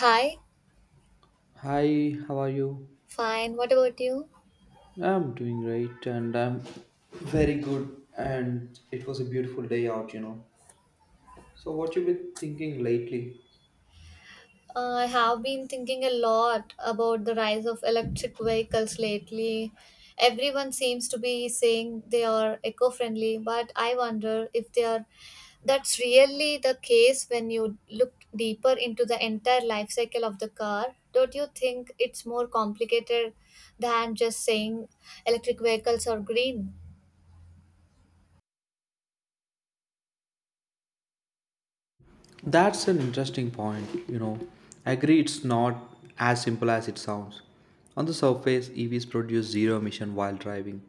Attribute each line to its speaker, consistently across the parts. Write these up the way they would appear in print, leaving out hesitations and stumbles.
Speaker 1: Hi,
Speaker 2: Hi, how are you?
Speaker 1: fine. What about you?
Speaker 2: I'm doing great and I'm very good and it was a beautiful day out. So what you been thinking lately?
Speaker 1: I have been thinking a lot about the rise of electric vehicles lately. Everyone seems to be saying they are eco friendly, but I wonder if they are that's really the case when you look deeper into the entire life cycle of the car. Don't you think it's more complicated than just saying electric vehicles are green?
Speaker 2: That's an interesting point. I agree it's not as simple as it sounds. On the surface, EVs produce zero emission while driving,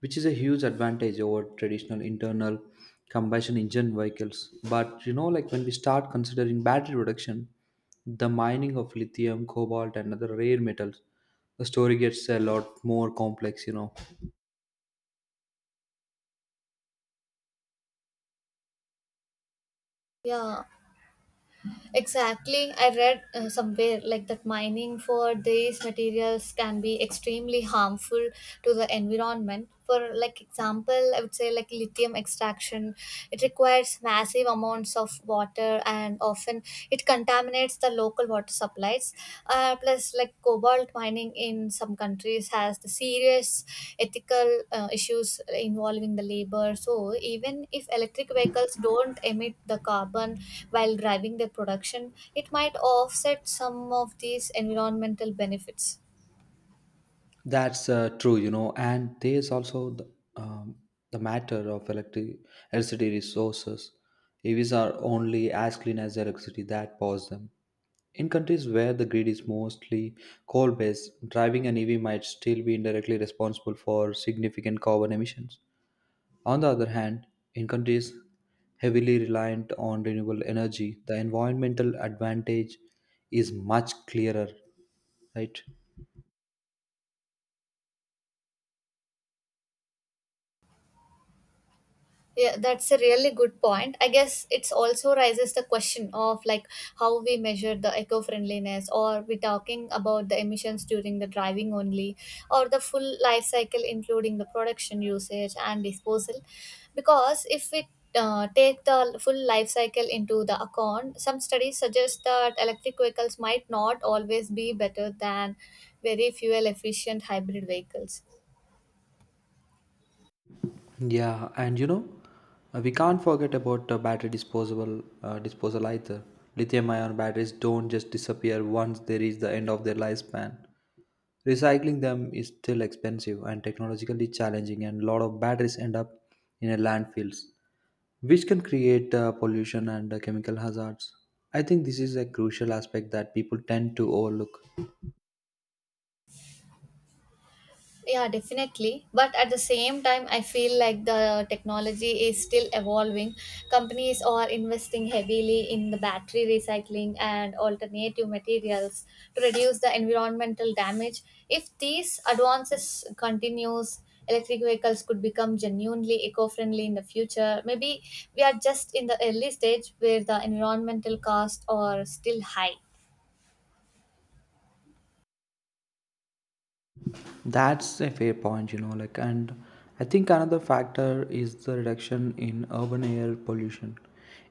Speaker 2: which is a huge advantage over traditional internal combustion engine vehicles. But when we start considering battery reduction, the mining of lithium, cobalt, and other rare metals, the story gets a lot more complex.
Speaker 1: Yeah. Exactly. I read somewhere like that mining for these materials can be extremely harmful to the environment. For like example, I would say like lithium extraction, it requires massive amounts of water and often it contaminates the local water supply rights. Plus, like cobalt mining in some countries has the serious ethical issues involving the labor. So, even if electric vehicles don't emit the carbon while driving their production, it might offset some of these environmental benefits.
Speaker 2: That's true. And there's also um, the matter of electricity resources. EVs are only as clean as the electricity that powers them. In countries where the grid is mostly coal based, driving an EV might still be indirectly responsible for significant carbon emissions. On the other hand, in countries heavily reliant on renewable energy, the environmental advantage is much clearer, right?
Speaker 1: Yeah, that's a really good point. I guess it's also raises the question of like how we measure the eco-friendliness, or we talking about the emissions during the driving only or the full life cycle including the production usage and disposal, because if we take the full life cycle into the account, some studies suggest that electric vehicles might not always be better than very fuel efficient hybrid vehicles.
Speaker 2: Yeah, and we can't forget about battery disposable disposal either. Lithium-ion batteries don't just disappear once they reach the end of their lifespan. Recycling them is still expensive and technologically challenging, and a lot of batteries end up in a landfills, which can create pollution and chemical hazards. I think this is a crucial aspect that people tend to overlook.
Speaker 1: Yeah, definitely. But at the same time, I feel like the technology is still evolving. Companies are investing heavily in the battery recycling and alternative materials to reduce the environmental damage. If these advances continues, electric vehicles could become genuinely eco-friendly in the future. Maybe we are just in the early stage where the environmental costs are still high.
Speaker 2: That's a fair point. And I think another factor is the reduction in urban air pollution.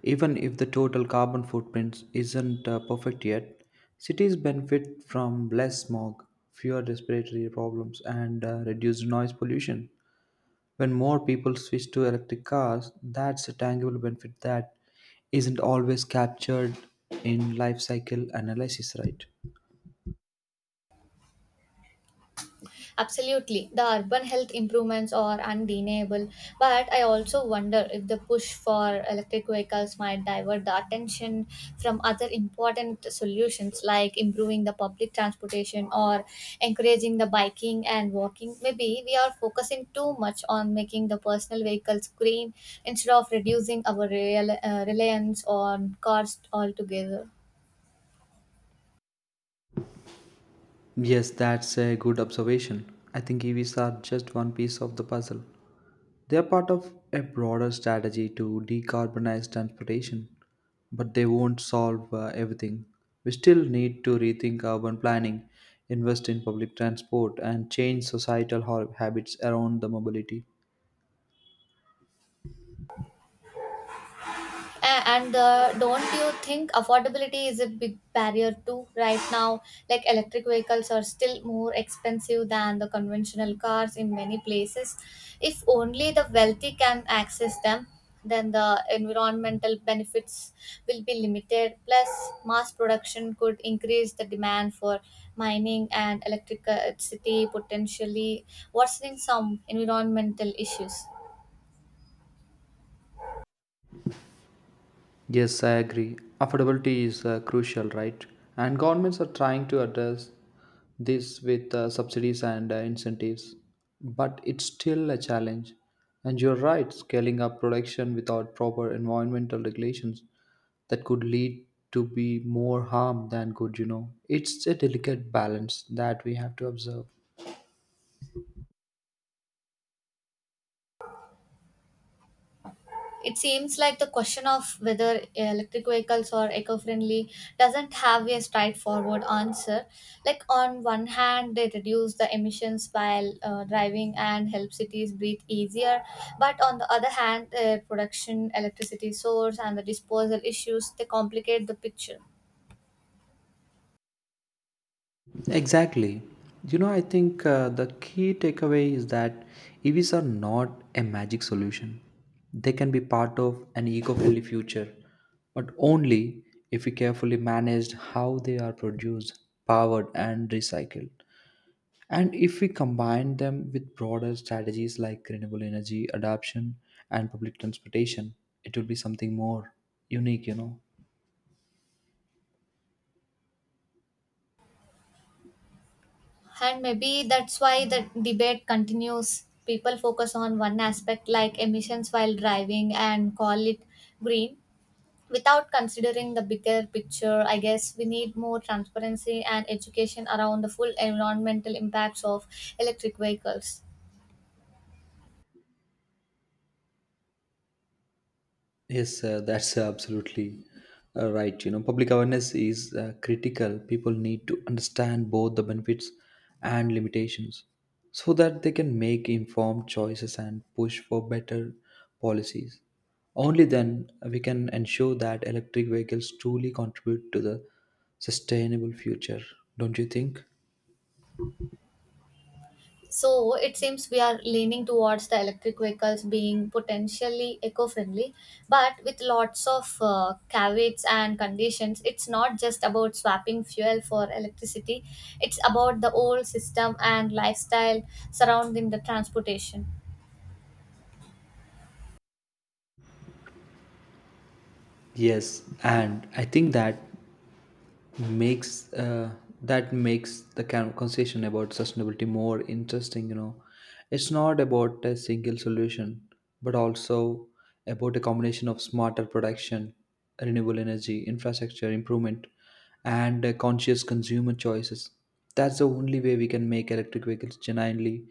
Speaker 2: Even if the total carbon footprint isn't perfect yet, cities benefit from less smog, fewer respiratory problems and reduced noise pollution. When more people switch to electric cars, that's a tangible benefit that isn't always captured in life cycle analysis, right?
Speaker 1: Absolutely, the urban health improvements are undeniable, but I also wonder if the push for electric vehicles might divert the attention from other important solutions like improving the public transportation or encouraging the biking and walking. Maybe we are focusing too much on making the personal vehicles green instead of reducing our real reliance on cars altogether.
Speaker 2: Yes, that's a good observation. I think EVs are just one piece of the puzzle. They are part of a broader strategy to decarbonize transportation, but they won't solve everything. We still need to rethink urban planning, invest in public transport, and change societal habits around the mobility.
Speaker 1: And don't you think affordability is a big barrier too right now, like electric vehicles are still more expensive than the conventional cars in many places? If only the wealthy can access them, then the environmental benefits will be limited. Plus, mass production could increase the demand for mining and electricity, potentially worsening some environmental issues.
Speaker 2: Yes, I agree. Affordability is crucial, right? And governments are trying to address this with subsidies and incentives. But it's still a challenge. And you're right, scaling up production without proper environmental regulations that could lead to be more harm than good. It's a delicate balance that we have to observe.
Speaker 1: It seems like the question of whether electric vehicles are eco friendly doesn't have a straightforward answer. Like, on one hand, they reduce the emissions while driving and help cities breathe easier, but on the other hand, their production, electricity source, and the disposal issues, they complicate the picture.
Speaker 2: Exactly. I think the key takeaway is that EVs are not a magic solution. They can be part of an eco friendly future, but only if we carefully manage how they are produced, powered, and recycled. And if we combine them with broader strategies like renewable energy adoption and public transportation, it will be something more unique.
Speaker 1: And maybe that's why the debate continues. People focus on one aspect like emissions while driving and call it green without considering the bigger picture. I guess we need more transparency and education around the full environmental impacts of electric vehicles.
Speaker 2: Yes, that's absolutely right. Public awareness is critical. People need to understand both the benefits and limitations so that they can make informed choices and push for better policies. Only then we can ensure that electric vehicles truly contribute to the sustainable future, don't you think?
Speaker 1: So it seems we are leaning towards the electric vehicles being potentially eco friendly, but with lots of caveats and conditions. It's not just about swapping fuel for electricity, it's about the whole system and lifestyle surrounding the transportation.
Speaker 2: Yes, and I think makes uh, that makes the conversation about sustainability more interesting. It's not about a single solution, but also about a combination of smarter production, renewable energy, infrastructure improvement, and conscious consumer choices. That's the only way we can make electric vehicles genuinely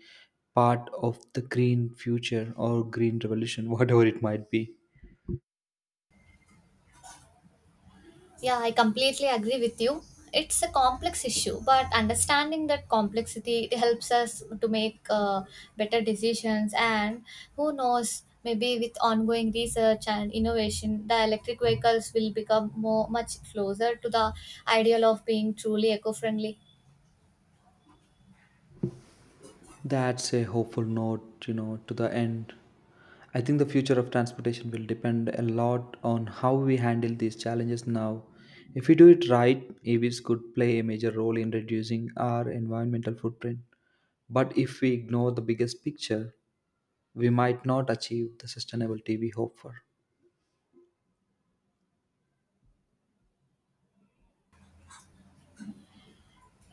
Speaker 2: part of the green future or green revolution, whatever it might be.
Speaker 1: Yeah, I completely agree with you. It's a complex issue, but understanding that complexity, it helps us to make better decisions. And who knows, maybe with ongoing research and innovation, the electric vehicles will become more much closer to the ideal of being truly eco-friendly.
Speaker 2: That's a hopeful note, to the end. I think the future of transportation will depend a lot on how we handle these challenges now. If we do it right, EVs could play a major role in reducing our environmental footprint. But if we ignore the biggest picture, we might not achieve the sustainability we hope for.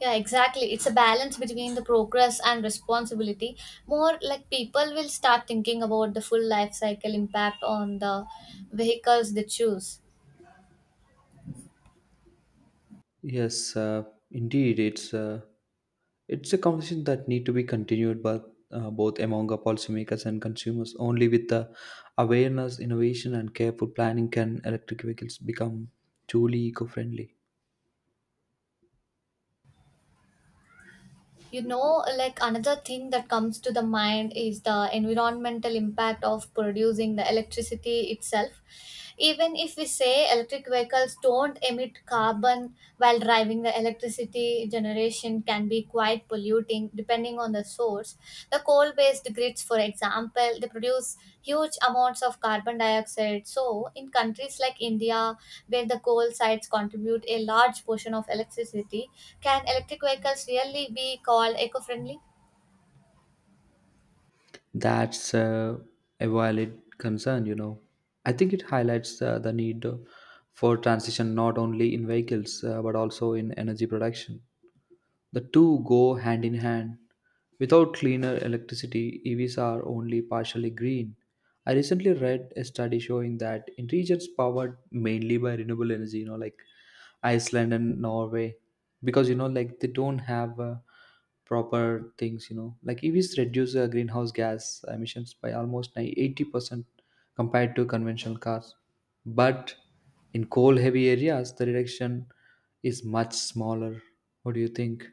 Speaker 1: Yeah, exactly. It's a balance between the progress and responsibility. More like people will start thinking about the full life cycle impact on the vehicles they choose.
Speaker 2: Yes, indeed, it's a conversation that need to be continued, but both among our policymakers and consumers. Only with the awareness, innovation, and careful planning can electric vehicles become truly eco-friendly.
Speaker 1: You know, like another thing that comes to the mind is the environmental impact of producing the electricity itself. Even if we say electric vehicles don't emit carbon while driving, the electricity generation can be quite polluting depending on the source. The coal-based grids, for example, they produce huge amounts of carbon dioxide. So, in countries like India, where the coal sites contribute a large portion of electricity, can electric vehicles really be called eco-friendly?
Speaker 2: That's a valid concern. I think it highlights the need for transition not only in vehicles but also in energy production. The two go hand in hand. Without cleaner electricity, EVs are only partially green. I recently read a study showing that in regions powered mainly by renewable energy, Iceland and Norway, because they don't have proper things, EVs reduce greenhouse gas emissions by almost 80% compared to conventional cars. But in coal heavy areas, the reduction is much smaller. What do you think?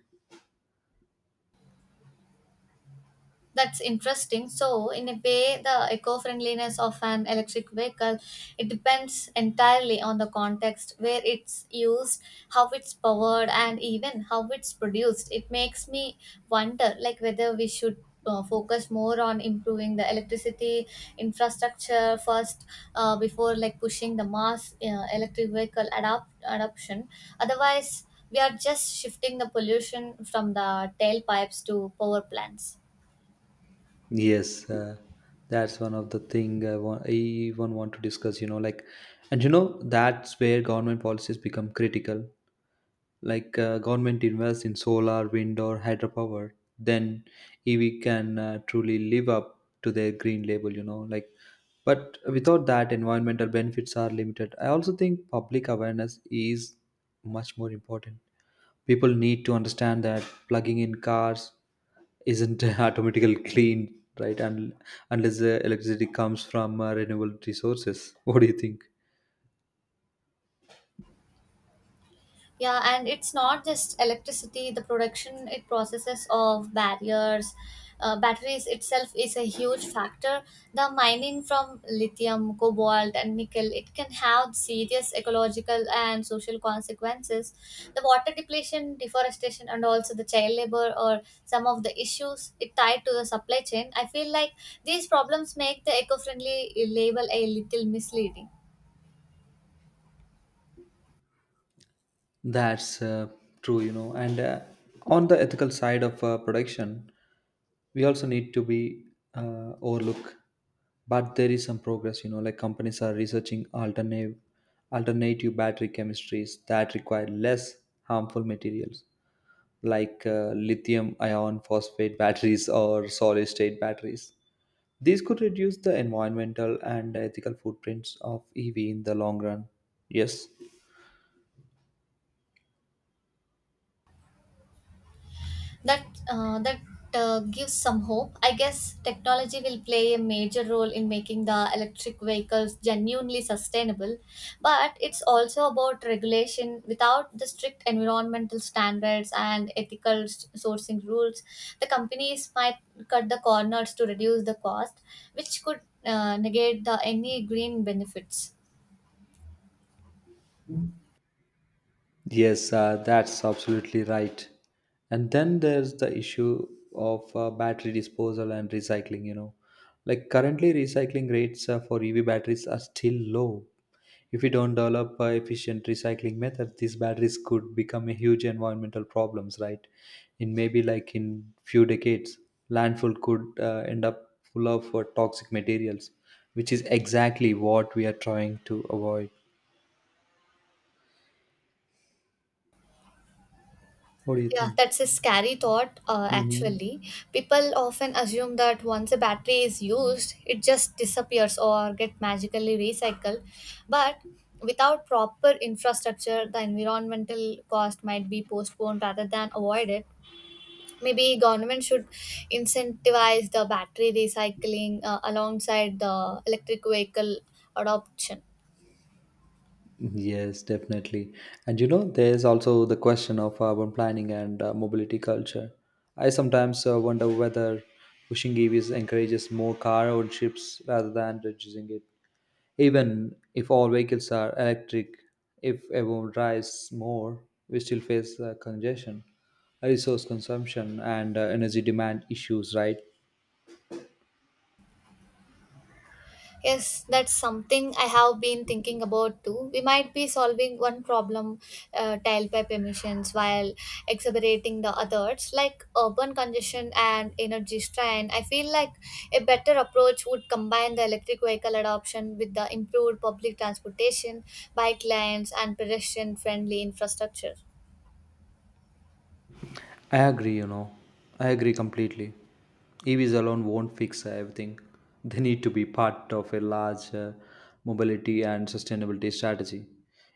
Speaker 1: That's interesting. So, in a way, the eco-friendliness of an electric vehicle, it depends entirely on the context where it's used, how it's powered, and even how it's produced. It makes me wonder, like whether we should focus more on improving the electricity infrastructure first, before like pushing the mass electric vehicle adoption. Otherwise, we are just shifting the pollution from the tailpipes to power plants.
Speaker 2: Yes, that's one of the thing I want. I even want to discuss. And that's where government policies become critical. Like, government invests in solar wind or hydropower. Then EV can truly live up to their green label. But without that, environmental benefits are limited. I also think public awareness is much more important. People need to understand that plugging in cars isn't automatically clean, right? And unless the electricity comes from renewable resources, what do you think?
Speaker 1: Yeah, and it's not just electricity. The production it processes of batteries itself is a huge factor. The mining from lithium, cobalt, and nickel, it can have serious ecological and social consequences. The water depletion, deforestation, and also the child labor or some of the issues it tied to the supply chain. I feel like these problems make the eco-friendly label a little misleading.
Speaker 2: That's true. And on the ethical side of production, we also need to be overlook. But there is some progress. Like companies are researching alternative battery chemistries that require less harmful materials, like lithium ion phosphate batteries or solid state batteries. These could reduce the environmental and ethical footprints of EV in the long run. Yes.
Speaker 1: That gives some hope. I guess technology will play a major role in making the electric vehicles genuinely sustainable, but it's also about regulation. Without the strict environmental standards and ethical sourcing rules, the companies might cut the corners to reduce the cost, which could negate the any green benefits.
Speaker 2: Yes, that's absolutely right. And then there's the issue of battery disposal and recycling. Like currently, recycling rates for EV batteries are still low. If we don't develop efficient recycling methods, these batteries could become a huge environmental problems, right? In maybe like in few decades, landfill could end up full of toxic materials, which is exactly what we are trying to avoid. What do you
Speaker 1: Yeah,
Speaker 2: think?
Speaker 1: that's a scary thought,
Speaker 2: Hmm.
Speaker 1: actually. People often assume that once a battery is used, it just disappears or get magically recycled. But without proper infrastructure, the environmental cost might be postponed rather than avoided. Maybe government should incentivize the battery recycling alongside the electric vehicle adoption.
Speaker 2: Yes, definitely. And there's also the question of urban planning and mobility culture. I sometimes wonder whether pushing EVs encourages more car ownerships rather than reducing it. Even if all vehicles are electric, if everyone drives more, we still face congestion, resource consumption, and energy demand issues, right?
Speaker 1: Yes, that's something I have been thinking about too. We might be solving one problem, tailpipe emissions, while exacerbating the others, like urban congestion and energy strain. I feel like a better approach would combine the electric vehicle adoption with the improved public transportation, bike lanes, and pedestrian friendly infrastructure.
Speaker 2: I agree. I agree completely. EVs alone won't fix everything. They need to be part of a larger mobility and sustainability strategy.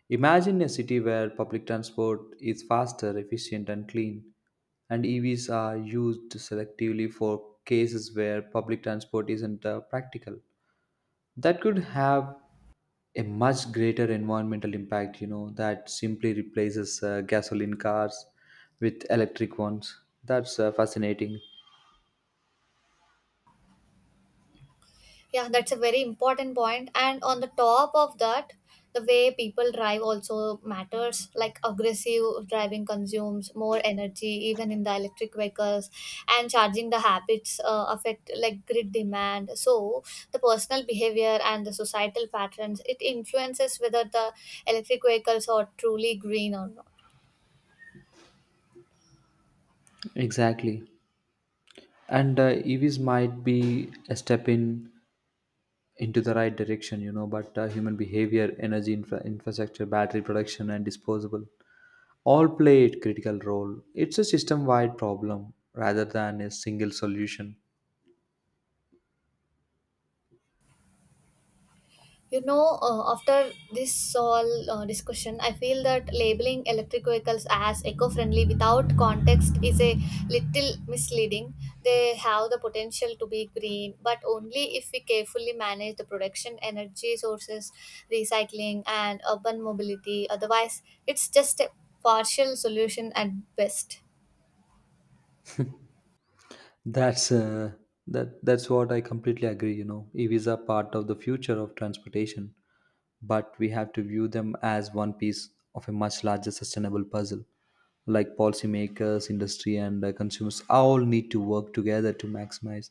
Speaker 2: Imagine a city where public transport is faster, efficient, and clean, and EVs are used selectively for cases where public transport isn't practical. That could have a much greater environmental impact that simply replaces gasoline cars with electric ones. That's fascinating.
Speaker 1: Yeah, that's a very important point. And on the top of that, the way people drive also matters. Like aggressive driving consumes more energy, even in the electric vehicles, and charging the habits affect like grid demand. So the personal behavior and the societal patterns, it influences whether the electric vehicles are truly green or not.
Speaker 2: Exactly. And EVs might be a step in into the right direction, but human behavior, energy infrastructure, battery production and disposable all play a critical role. It's a system wide problem rather than a single solution.
Speaker 1: After this all discussion, I feel that labeling electric vehicles as eco friendly without context is a little misleading. They have the potential to be green, but only if we carefully manage the production, energy sources, recycling, and urban mobility. Otherwise, it's just a partial solution at best.
Speaker 2: That's uh, that's what I completely agree. EVs are part of the future of transportation, but we have to view them as one piece of a much larger sustainable puzzle. Like policymakers, industry and consumers all need to work together to maximize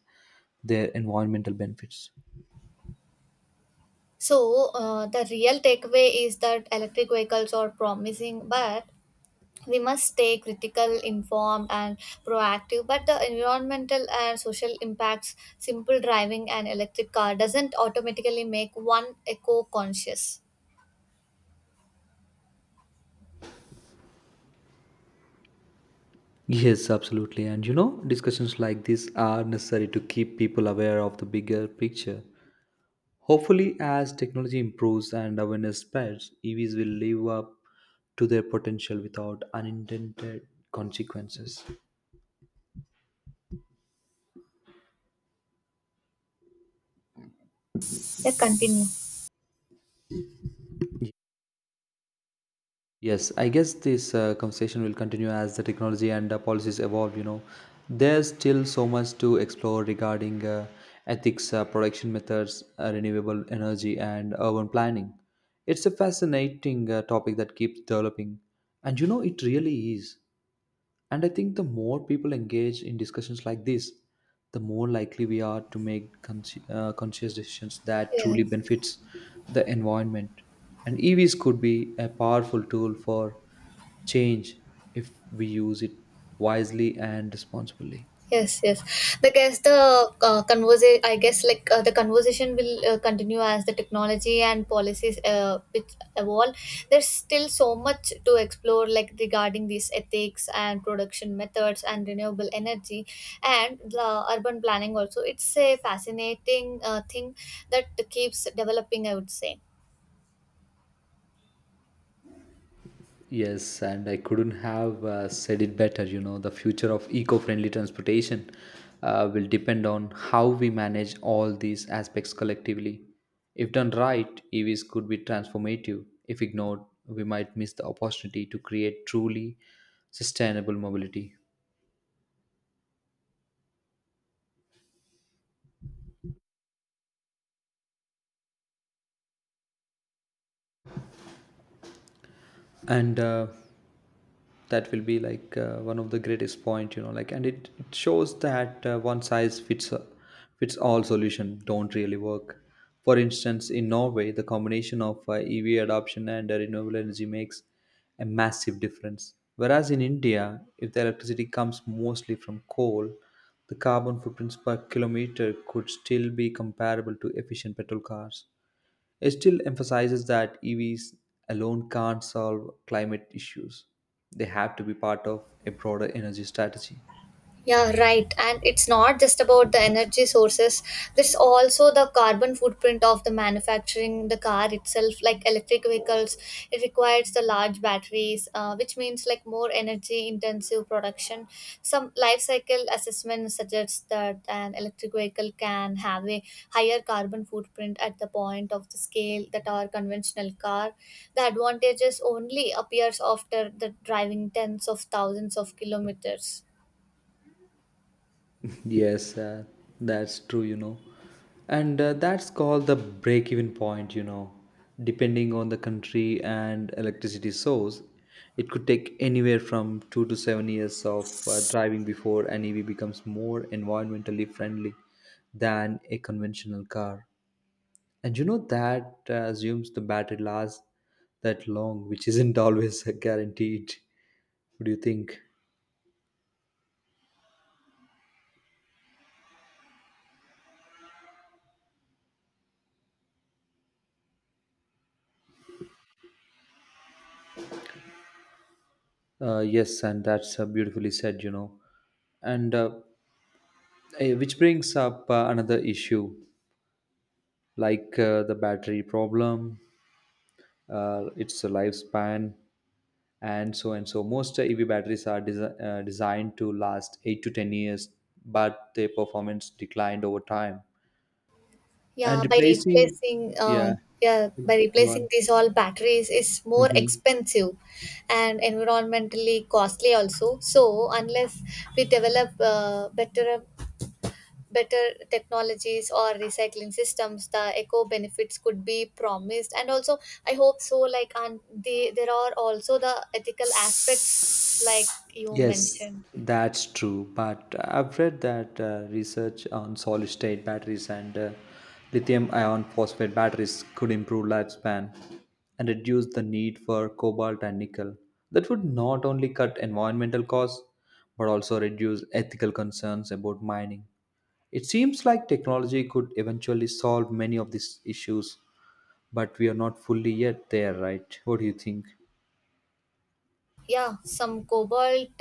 Speaker 2: their environmental benefits.
Speaker 1: So, the real takeaway is that electric vehicles are promising, but we must stay critical, informed, and proactive. But the environmental and social impacts, simple driving an electric car doesn't automatically make one eco conscious.
Speaker 2: Yes, absolutely. And discussions like this are necessary to keep people aware of the bigger picture. Hopefully, as technology improves and awareness spreads, EVs will live up to their potential without unintended consequences.
Speaker 1: Yeah, continue.
Speaker 2: Yes, I guess this conversation will continue as the technology and the policies evolve. There's still so much to explore regarding ethics, production methods, renewable energy, and urban planning. It's a fascinating topic that keeps developing, and it really is. And I think the more people engage in discussions like this, the more likely we are to make conscious decisions that
Speaker 1: Yeah.
Speaker 2: truly benefits the environment. And EVs could be a powerful tool for change if we use it wisely and responsibly.
Speaker 1: Yes, yes. The guess the conversation. I guess like the conversation will continue as the technology and policies which evolve. There's still so much to explore, like regarding these ethics and production methods and renewable energy and the urban planning. Also, it's a fascinating thing that keeps developing, I would say.
Speaker 2: Yes, and I couldn't have said it better. The future of eco friendly transportation will depend on how we manage all these aspects collectively. If done right, EVs could be transformative. If ignored, we might miss the opportunity to create truly sustainable mobility. And that will be like one of the greatest point. And it shows that one size fits all solution don't really work. For instance, in Norway, the combination of EV adoption and renewable energy makes a massive difference, whereas in India, if the electricity comes mostly from coal, the carbon footprints per kilometer could still be comparable to efficient petrol cars. It still emphasizes that EVs alone can't solve climate issues. They have to be part of a broader energy strategy.
Speaker 1: Yeah, right. And it's not just about the energy sources. There's also the carbon footprint of the manufacturing the car itself. Like electric vehicles, it requires the large batteries, which means like more energy intensive production. Some life cycle assessment suggests that an electric vehicle can have a higher carbon footprint at the point of the scale that our conventional car. The advantages only appears after the driving tens of thousands of kilometers.
Speaker 2: Yes, that's true. And that's called the break even point. Depending on the country and electricity source, it could take anywhere from 2 to 7 years of driving before an EV becomes more environmentally friendly than a conventional car. And you know that assumes the battery lasts that long, which isn't always a guaranteed. What do you think? Yes, and that's beautifully said, you know. And uh, which brings up another issue like the battery problem, its lifespan, and so and so. Most EV batteries are designed to last 8 to 10 years, but their performance declined over time. And
Speaker 1: Yeah, by
Speaker 2: replacing,
Speaker 1: replacing uh
Speaker 2: yeah,
Speaker 1: yeah, by
Speaker 2: go
Speaker 1: replacing
Speaker 2: on.
Speaker 1: these all batteries is more
Speaker 2: Mm-hmm.
Speaker 1: expensive and environmentally costly also. So unless we develop better technologies or recycling systems, the eco benefits could be promised. And also, I hope so. Like, and there are also the ethical aspects, like you
Speaker 2: Yes,
Speaker 1: mentioned.
Speaker 2: that's true. But I've read that research on solid state batteries and lithium ion phosphate batteries could improve lifespan and reduce the need for cobalt and nickel. That would not only cut environmental costs but also reduce ethical concerns about mining. It seems like technology could eventually solve many of these issues, but we are not fully yet there, right? What do you think?
Speaker 1: Yeah, some cobalt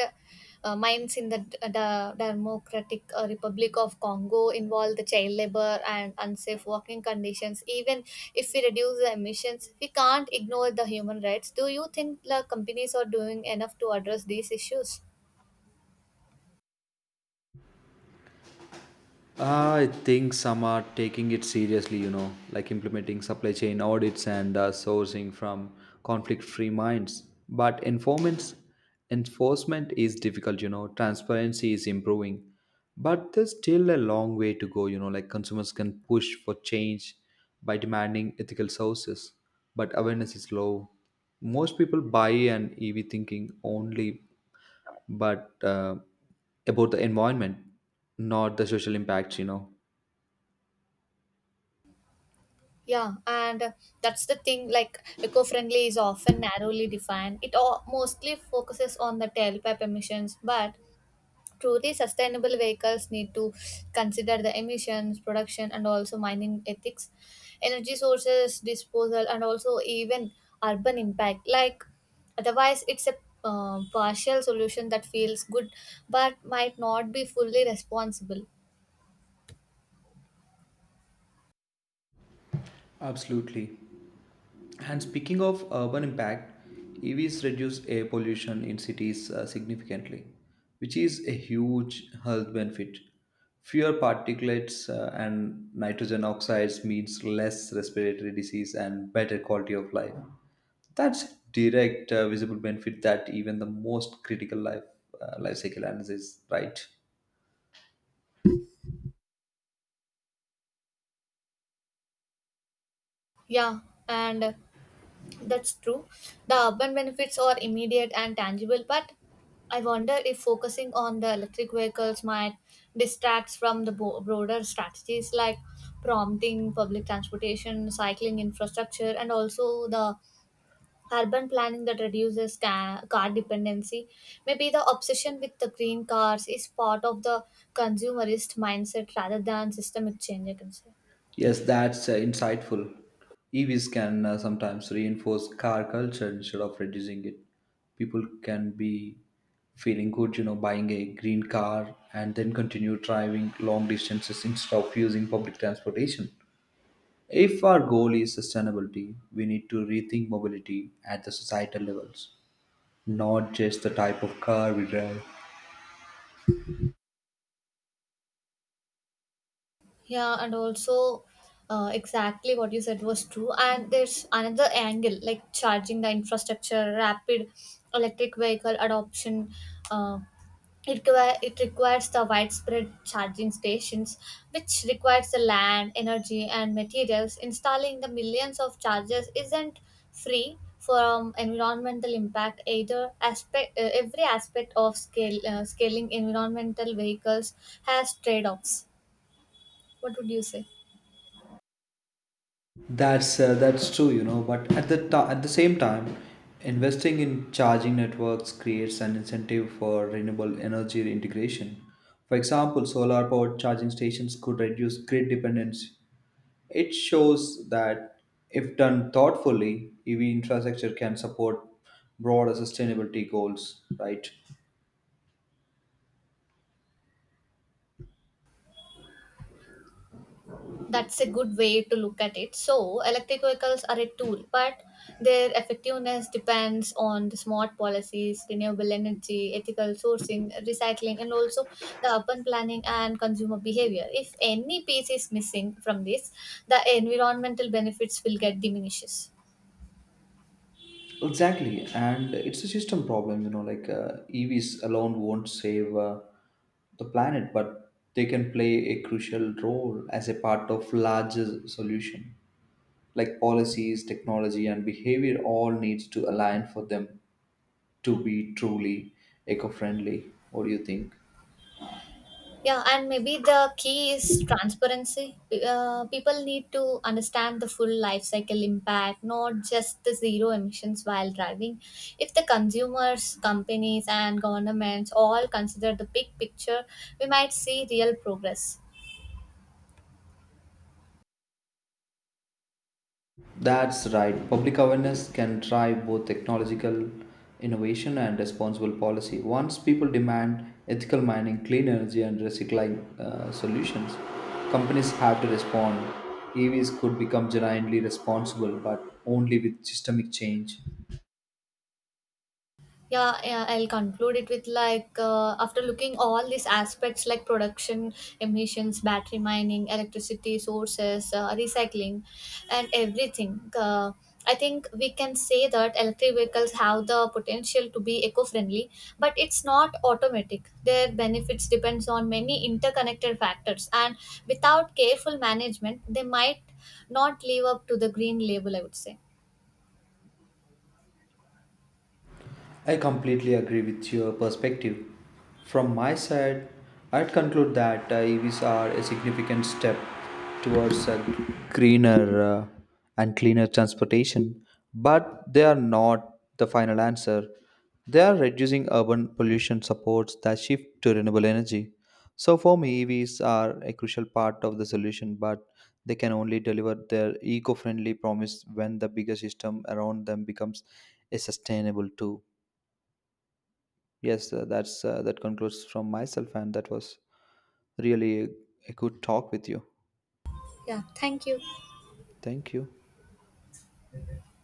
Speaker 1: mines in the Democratic Republic of Congo involve the child labor and unsafe working conditions. Even if we reduce the emissions, we can't ignore the human rights. Do you think the companies are doing enough to address these issues?
Speaker 2: I think some are taking it seriously, you know, like implementing supply chain audits and sourcing from conflict-free mines. But informants enforcement is difficult, you know. Transparency is improving, but there's still a long way to go, you know. Like consumers can push for change by demanding ethical sources, but awareness is low. Most people buy an EV thinking only, but about the environment, not the social impacts, you know.
Speaker 1: Yeah, and that's the thing, like eco-friendly is often narrowly defined. It all mostly focuses on the tailpipe emissions, but truly sustainable vehicles need to consider the emissions, production, and also mining ethics, energy sources, disposal, and also even urban impact. Like otherwise, it's a partial solution that feels good but might not be fully responsible.
Speaker 2: Absolutely. And speaking of urban impact, EVs reduce air pollution in cities significantly, which is a huge health benefit. Fewer particulates and nitrogen oxides means less respiratory disease and better quality of life. That's direct visible benefit that even the most critical life cycle analysis, right?
Speaker 1: Yeah, and that's true. The urban benefits are immediate and tangible, but I wonder if focusing on the electric vehicles might distract from the broader strategies, like prompting public transportation, cycling infrastructure, and also the urban planning that reduces car dependency. Maybe the obsession with the green cars is part of the consumerist mindset rather than systemic change, I can say.
Speaker 2: Yes, that's insightful. EVs can sometimes reinforce car culture instead of reducing it. People can be feeling good, you know, buying a green car and then continue driving long distances instead of using public transportation. If our goal is sustainability, we need to rethink mobility at the societal levels, not just the type of car we drive.
Speaker 1: Yeah, and also exactly what you said was true. And there's another angle, like charging the infrastructure, rapid electric vehicle adoption. Uh, it requires the widespread charging stations, which requires the land, energy, and materials. Installing the millions of chargers isn't free from environmental impact either. Aspect Every aspect of scale scaling environmental vehicles has trade-offs. What would you say?
Speaker 2: That's true, you know. But at at the same time, investing in charging networks creates an incentive for renewable energy integration. For example, solar powered charging stations could reduce grid dependence. It shows that if done thoughtfully, EV infrastructure can support broader sustainability goals. Right?
Speaker 1: That's a good way to look at it. So, electric vehicles are a tool, but their effectiveness depends on the smart policies, renewable energy, ethical sourcing, recycling, and also the urban planning and consumer behavior. If any piece is missing from this, the environmental benefits will get diminishes.
Speaker 2: Exactly, and it's a system problem. You know, like EVs alone won't save the planet, but they can play a crucial role as a part of larger solution. Like policies, technology, and behavior all needs to align for them to be truly eco-friendly. What do you think?
Speaker 1: Yeah, and maybe the key is transparency. People need to understand the full life cycle impact, not just the zero emissions while driving. If the consumers, companies, and governments all consider the big picture, we might see real progress.
Speaker 2: That's right. Public awareness can drive both technological innovation and responsible policy. Once people demand ethical mining, clean energy, and recycling solutions, companies have to respond. EVs could become genuinely responsible, but only with systemic change.
Speaker 1: Yeah, yeah, I'll conclude it with like after looking all these aspects, like production emissions, battery mining, electricity sources, recycling, and everything. I think we can say that electric vehicles have the potential to be eco-friendly, but it's not automatic. Their benefits depends on many interconnected factors, and without careful management they might not live up to the green label, I would say.
Speaker 2: I completely agree with your perspective. From my side, I'd conclude that EVs are a significant step towards a greener and cleaner transportation, but they are not the final answer. They are reducing urban pollution supports that shift to renewable energy. So for me, EVs are a crucial part of the solution, but they can only deliver their eco-friendly promise when the bigger system around them becomes a sustainable too. That concludes from myself, and that was really a good talk with you.
Speaker 1: Yeah, thank you.
Speaker 2: Thank you.